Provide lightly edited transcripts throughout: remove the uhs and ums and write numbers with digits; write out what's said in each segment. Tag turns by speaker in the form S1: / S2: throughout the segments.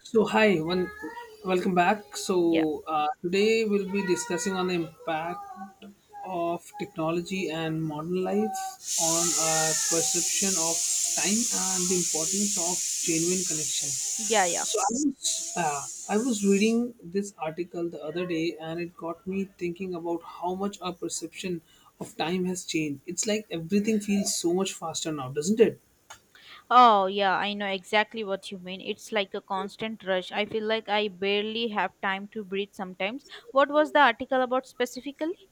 S1: So hi, one, welcome back.
S2: Yeah,
S1: So today we'll be discussing on the impact of technology and modern life on our perception of time and the importance of genuine connection.
S2: yeah, yeah.
S1: So I was I was reading this article the other day and it got me thinking about how much our perception of time has changed. It's like everything feels so much faster now, doesn't it?
S2: Oh, yeah, I know exactly what you mean. It's like a constant rush. I feel like I barely have time to breathe sometimes. What was the article about specifically?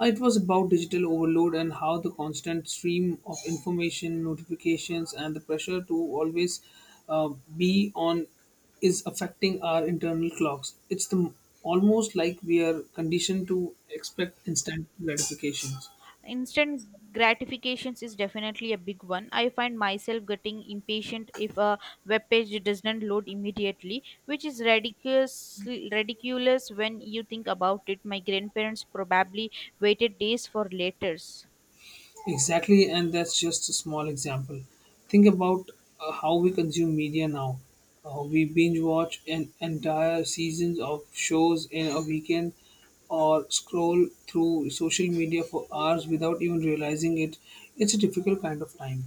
S1: It was about digital overload and how the constant stream of information, notifications, and the pressure to always uh, be on is affecting our internal clocks. It's the almost like we are conditioned to expect instant gratifications.
S2: Instant gratifications is definitely a big one. I find myself getting impatient if a web page doesn't load immediately, which is ridiculous when you think about it. My grandparents probably waited days for letters.
S1: Exactly, and that's just a small example. Think about how we consume media now. We binge watch an entire seasons of shows in a weekend or scroll through social media for hours without even realizing it. It's a difficult kind of time.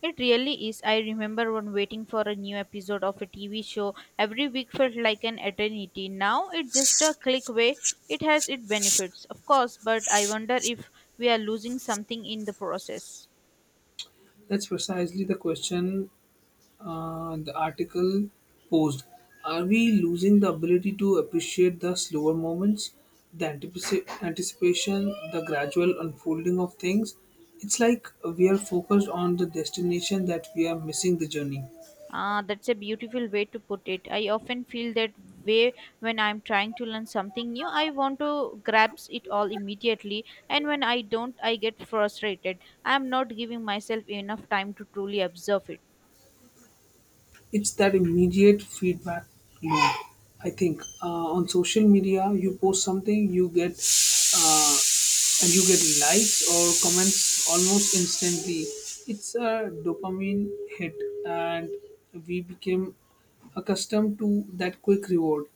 S2: It really is. I remember when waiting for a new episode of a TV show every week felt like an eternity. Now it's just a click away. It has its benefits, of course, but I wonder if we are losing something in the process.
S1: That's precisely the question. The article posed, are we losing the ability to appreciate the slower moments, the anticipation, the gradual unfolding of things? It's like we are focused on the destination that we are missing the journey.
S2: Ah, that's a beautiful way to put it. I often feel that way when I'm trying to learn something new. I want to grasp it all immediately, and when I don't, I get frustrated. I'm not giving myself enough time to truly observe it.
S1: It's that immediate feedback loop, I think. On social media, you post something, you get uh, likes or comments almost instantly. It's a dopamine hit, and we became accustomed to that quick reward.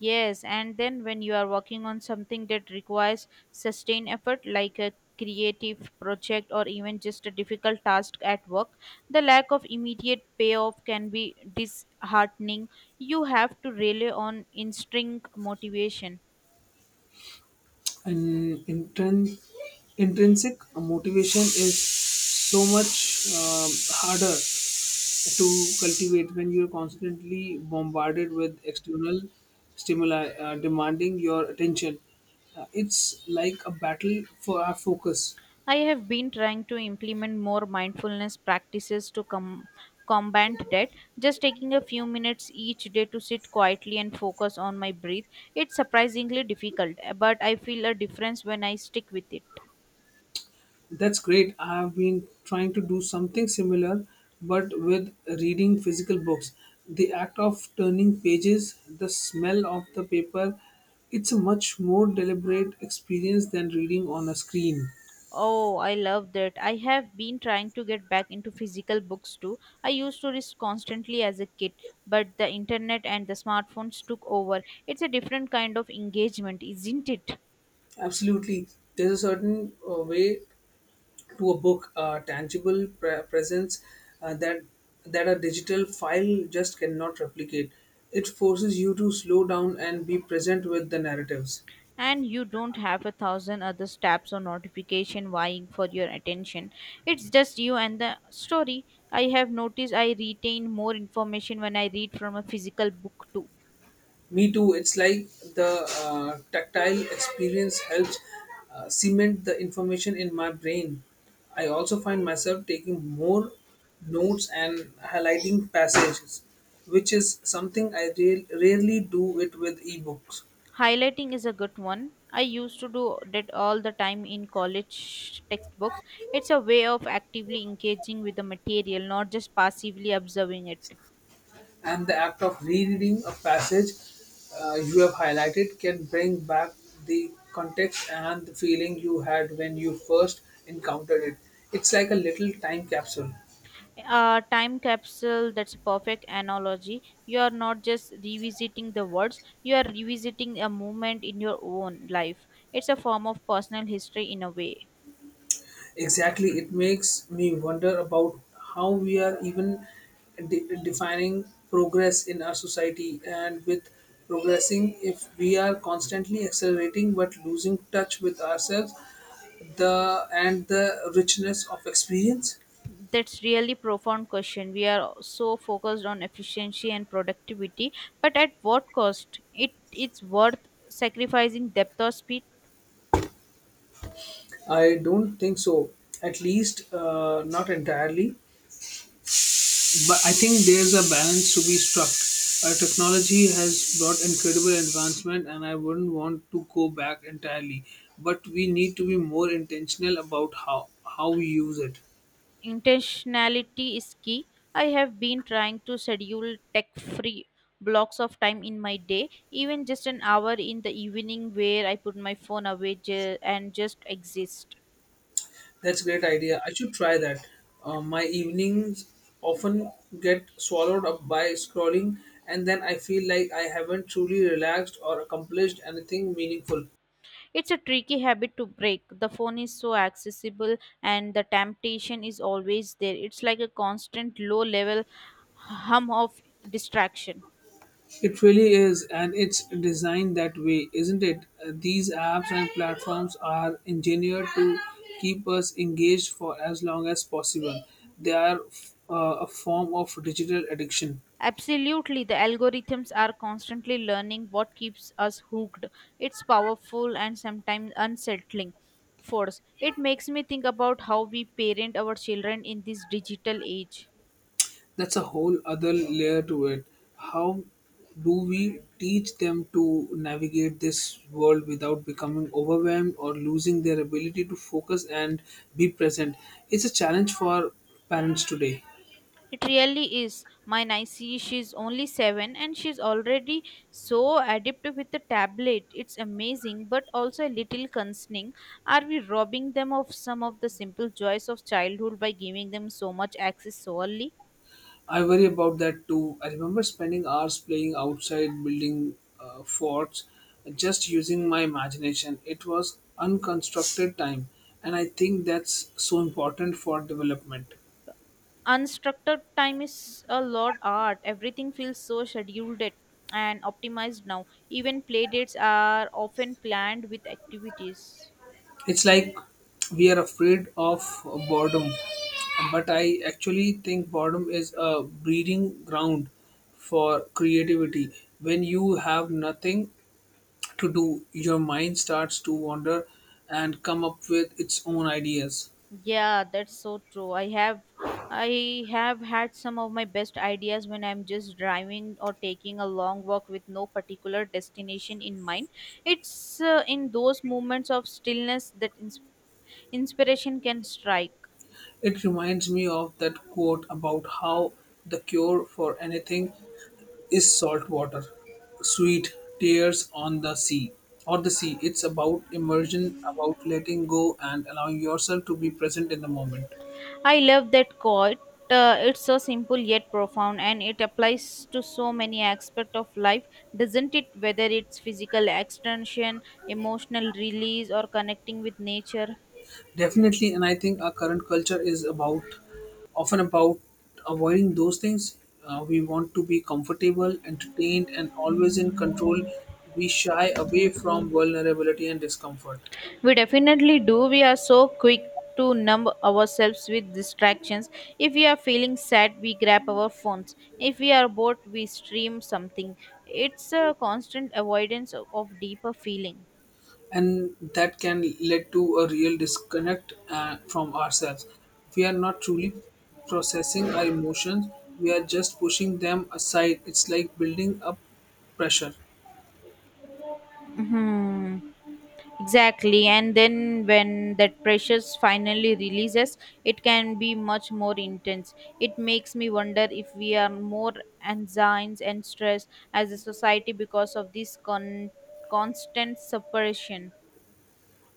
S2: Yes, and then when you are working on something that requires sustained effort, like a creative project or even just a difficult task at work, the lack of immediate payoff can be disheartening. You have to rely on instinct motivation.
S1: And intrinsic motivation is so much harder to cultivate when you're constantly bombarded with external stimuli demanding your attention. It's like a battle for our focus.
S2: I have been trying to implement more mindfulness practices to combat that. Just taking a few minutes each day to sit quietly and focus on my breath. It's surprisingly difficult, but I feel a difference when I stick with it.
S1: That's great. I have been trying to do something similar, but with reading physical books. The act of turning pages, the smell of the paper, it's a much more deliberate experience than reading on a screen.
S2: Oh, I love that. I have been trying to get back into physical books too. I used to read constantly as a kid, but the internet and the smartphones took over. It's a different kind of engagement, isn't it?
S1: Absolutely. There's a certain way to a book, a tangible presence uh, that that a digital file just cannot replicate. It forces you to slow down and be present with the narratives.
S2: And you don't have a thousand other tabs or notification vying for your attention. It's just you and the story. I have noticed I retain more information when I read from a physical book too.
S1: Me too. It's like the tactile experience helps cement the information in my brain. I also find myself taking more notes and highlighting passages, which is something I rarely do it with ebooks.
S2: Highlighting is a good one. I used to do that all the time in college textbooks. It's a way of actively engaging with the material, not just passively observing it.
S1: And the act of rereading a passage you have highlighted can bring back the context and the feeling you had when you first encountered it. It's like a little time capsule.
S2: A time capsule, that's a perfect analogy. You are not just revisiting the words, you are revisiting a moment in your own life. It's a form of personal history in a way.
S1: Exactly, it makes me wonder about how we are even defining progress in our society, and with progressing if we are constantly accelerating but losing touch with ourselves the and the richness of experience.
S2: That's really profound question. We are so focused on efficiency and productivity, but at what cost? It's worth sacrificing depth or speed.
S1: I don't think so. At least, not entirely. But I think there's a balance to be struck. Technology has brought incredible advancement, and I wouldn't want to go back entirely. But we need to be more intentional about how we use it.
S2: Intentionality is key. I have been trying to schedule tech free blocks of time in my day, even just an hour in the evening where I put my phone away and just exist.
S1: That's a great idea. I should try that. My evenings often get swallowed up by scrolling, and then I feel like I haven't truly relaxed or accomplished anything meaningful.
S2: It's a tricky habit to break. The phone is so accessible and the temptation is always there. It's like a constant low level hum of distraction.
S1: It really is, and it's designed that way, isn't it? These apps and platforms are engineered to keep us engaged for as long as possible. They are a form of digital addiction.
S2: Absolutely, the algorithms are constantly learning what keeps us hooked. It's powerful and sometimes unsettling force. It makes me think about how we parent our children in this digital age.
S1: That's a whole other layer to it. How do we teach them to navigate this world without becoming overwhelmed or losing their ability to focus and be present? It's a challenge for parents today.
S2: It really is. My Nicey, she's only seven and she's already so adept with the tablet. It's amazing, but also a little concerning. Are we robbing them of some of the simple joys of childhood by giving them so much access so early?
S1: I worry about that too. I remember spending hours playing outside, building forts, just using my imagination. It was unconstructed time, and I think that's so important for development.
S2: Unstructured time is a lot art, everything feels so scheduled it and optimized now, even play dates are often planned with activities.
S1: It's like we are afraid of boredom, but I actually think boredom is a breeding ground for creativity. When you have nothing to do, your mind starts to wander and come up with its own ideas.
S2: Yeah, that's so true. I have had some of my best ideas when I'm just driving or taking a long walk with no particular destination in mind. It's in those moments of stillness that inspiration can strike.
S1: It reminds me of that quote about how the cure for anything is salt water, sweet tears on the sea, or the sea. It's about immersion, about letting go and allowing yourself to be present in the moment.
S2: I love that quote. It's so simple yet profound, and it applies to so many aspects of life, doesn't it? Whether it's physical extension, emotional release, or connecting with nature.
S1: Definitely, and I think our current culture is about often about avoiding those things. We want to be comfortable, entertained, and always in control. We shy away from vulnerability and discomfort.
S2: We definitely do. We are so quick to numb ourselves with distractions. If we are feeling sad, we grab our phones. If we are bored, we stream something. It's a constant avoidance of deeper feeling.
S1: And that can lead to a real disconnect from ourselves. We are not truly processing our emotions, we are just pushing them aside. It's like building up pressure.
S2: Hmm. Exactly, and then when that pressure finally releases, it can be much more intense. It makes me wonder if we are more anxious and stressed as a society because of this constant separation.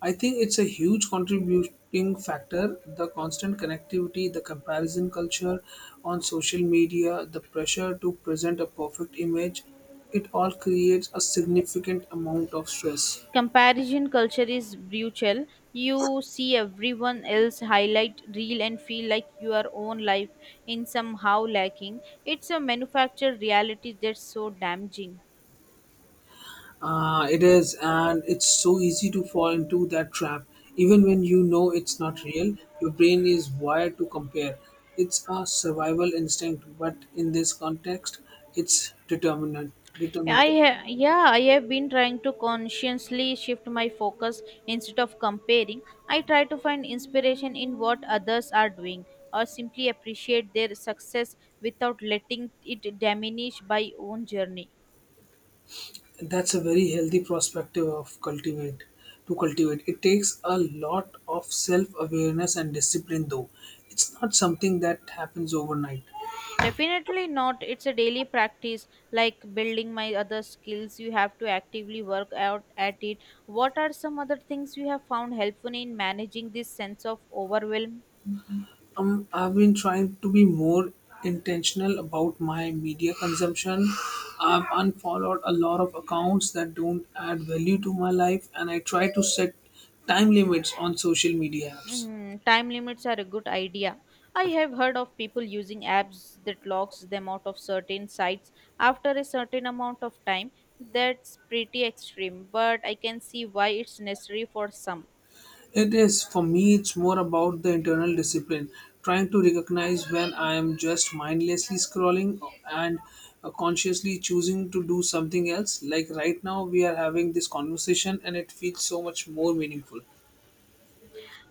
S1: I think it's a huge contributing factor, the constant connectivity, the comparison culture on social media, the pressure to present a perfect image. It all creates a significant amount of stress.
S2: Comparison culture is brutal. You see everyone else highlight real and feel like your own life in somehow lacking. It's a manufactured reality that's so damaging.
S1: It is, and it's so easy to fall into that trap. Even when you know it's not real, your brain is wired to compare. It's a survival instinct, but in this context, it's determinant. Determinant.
S2: Yeah, I have been trying to consciously shift my focus instead of comparing. I try to find inspiration in what others are doing or simply appreciate their success without letting it diminish my own journey.
S1: That's a very healthy perspective of cultivate. To cultivate, it takes a lot of self-awareness and discipline, though. It's not something that happens overnight.
S2: Definitely not. It's a daily practice like building my other skills. You have to actively work out at it. What are some other things you have found helpful in managing this sense of overwhelm?
S1: I've been trying to be more intentional about my media consumption. I've unfollowed a lot of accounts that don't add value to my life, and I try to set time limits on social media apps.
S2: Hmm, time limits are a good idea. I have heard of people using apps that locks them out of certain sites after a certain amount of time. That's pretty extreme, but I can see why it's necessary for some.
S1: It is, for me, it's more about the internal discipline, trying to recognize when I am just mindlessly scrolling and consciously choosing to do something else. Like right now, we are having this conversation, and it feels so much more meaningful.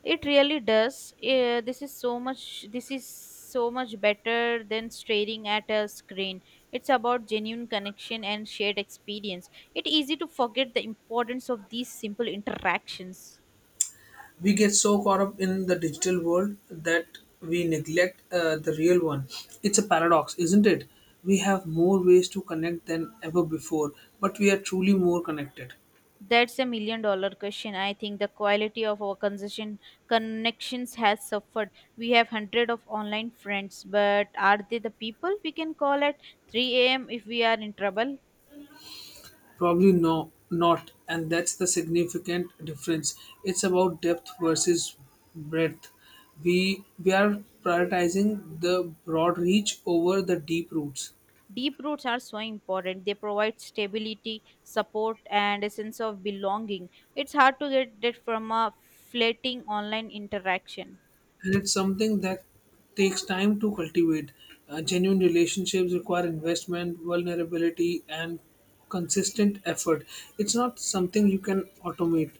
S2: It really does. This is so much better than staring at a screen. It's about genuine connection and shared experience. It's easy to forget the importance of these simple interactions.
S1: We get so caught up in the digital world that we neglect the real one. It's a paradox, isn't it? We have more ways to connect than ever before, but we are truly more connected.
S2: That's a $1 million question. I think the quality of our conversation connections has suffered. We have hundred of online friends, but are they the people we can call at 3 a.m. if we are in trouble?
S1: Probably no, not, and that's the significant difference. It's about depth versus breadth. We are prioritizing the broad reach over the deep roots.
S2: Deep roots are so important. They provide stability, support, and a sense of belonging. It's hard to get that from a fleeting online interaction.
S1: And it's something that takes time to cultivate. Genuine relationships require investment, vulnerability, and consistent effort. It's not something you can automate.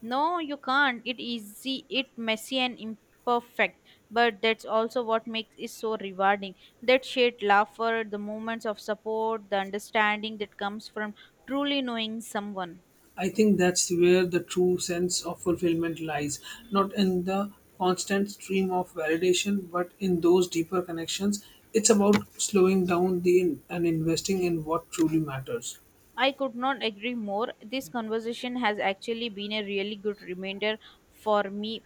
S2: No, you can't. It easy, it messy and imperfect, but that's also what makes it so rewarding. That shared laughter, the moments of support, the understanding that comes from truly knowing someone.
S1: I think that's where the true sense of fulfillment lies, not in the constant stream of validation, but in those deeper connections. It's about slowing down the and investing in what truly matters.
S2: I could not agree more. This conversation has actually been a really good reminder for me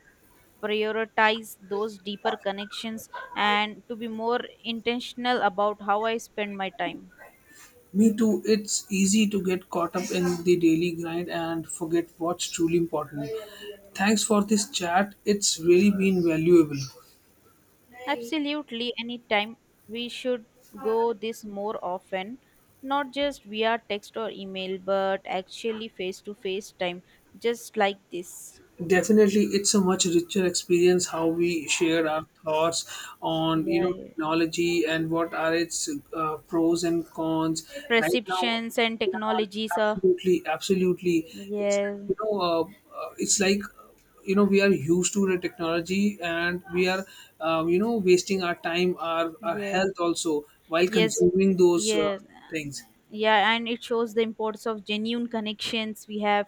S2: prioritize those deeper connections and to be more intentional about how I spend my time.
S1: Me too. It's easy to get caught up in the daily grind and forget what's truly important. Thanks for this chat. It's really been valuable.
S2: Absolutely, anytime we should go this more often, not just via text or email, but actually face to face time, just like this.
S1: Definitely, it's a much richer experience how we share our thoughts on you
S2: Yeah,
S1: know
S2: yeah.
S1: technology and what are its pros and cons. Right now,
S2: Perceptions and
S1: yeah,
S2: technologies are
S1: absolutely, absolutely. It's
S2: yes,
S1: like, you know, it's like you know we are used to the technology and we are you know wasting our time, our
S2: yes,
S1: health also while
S2: yes,
S1: consuming those
S2: yes,
S1: things.
S2: yeah, and it shows the importance of genuine connections we have.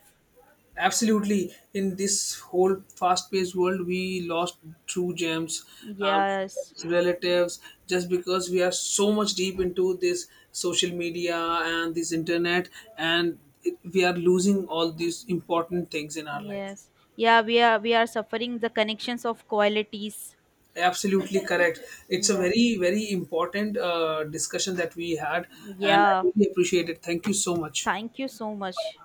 S1: Absolutely, in this whole fast-paced world, we lost true gems, um,
S2: Yes,
S1: relatives, just because we are so much deep into this social media and this internet, and it, we are losing all these important things in our life.
S2: yes, yeah, we are suffering the connections of qualities.
S1: Absolutely correct. It's a
S2: Yeah.
S1: very, very important discussion that we had, and I
S2: Yeah,
S1: really appreciate it. Thank you so much.
S2: thank you so much.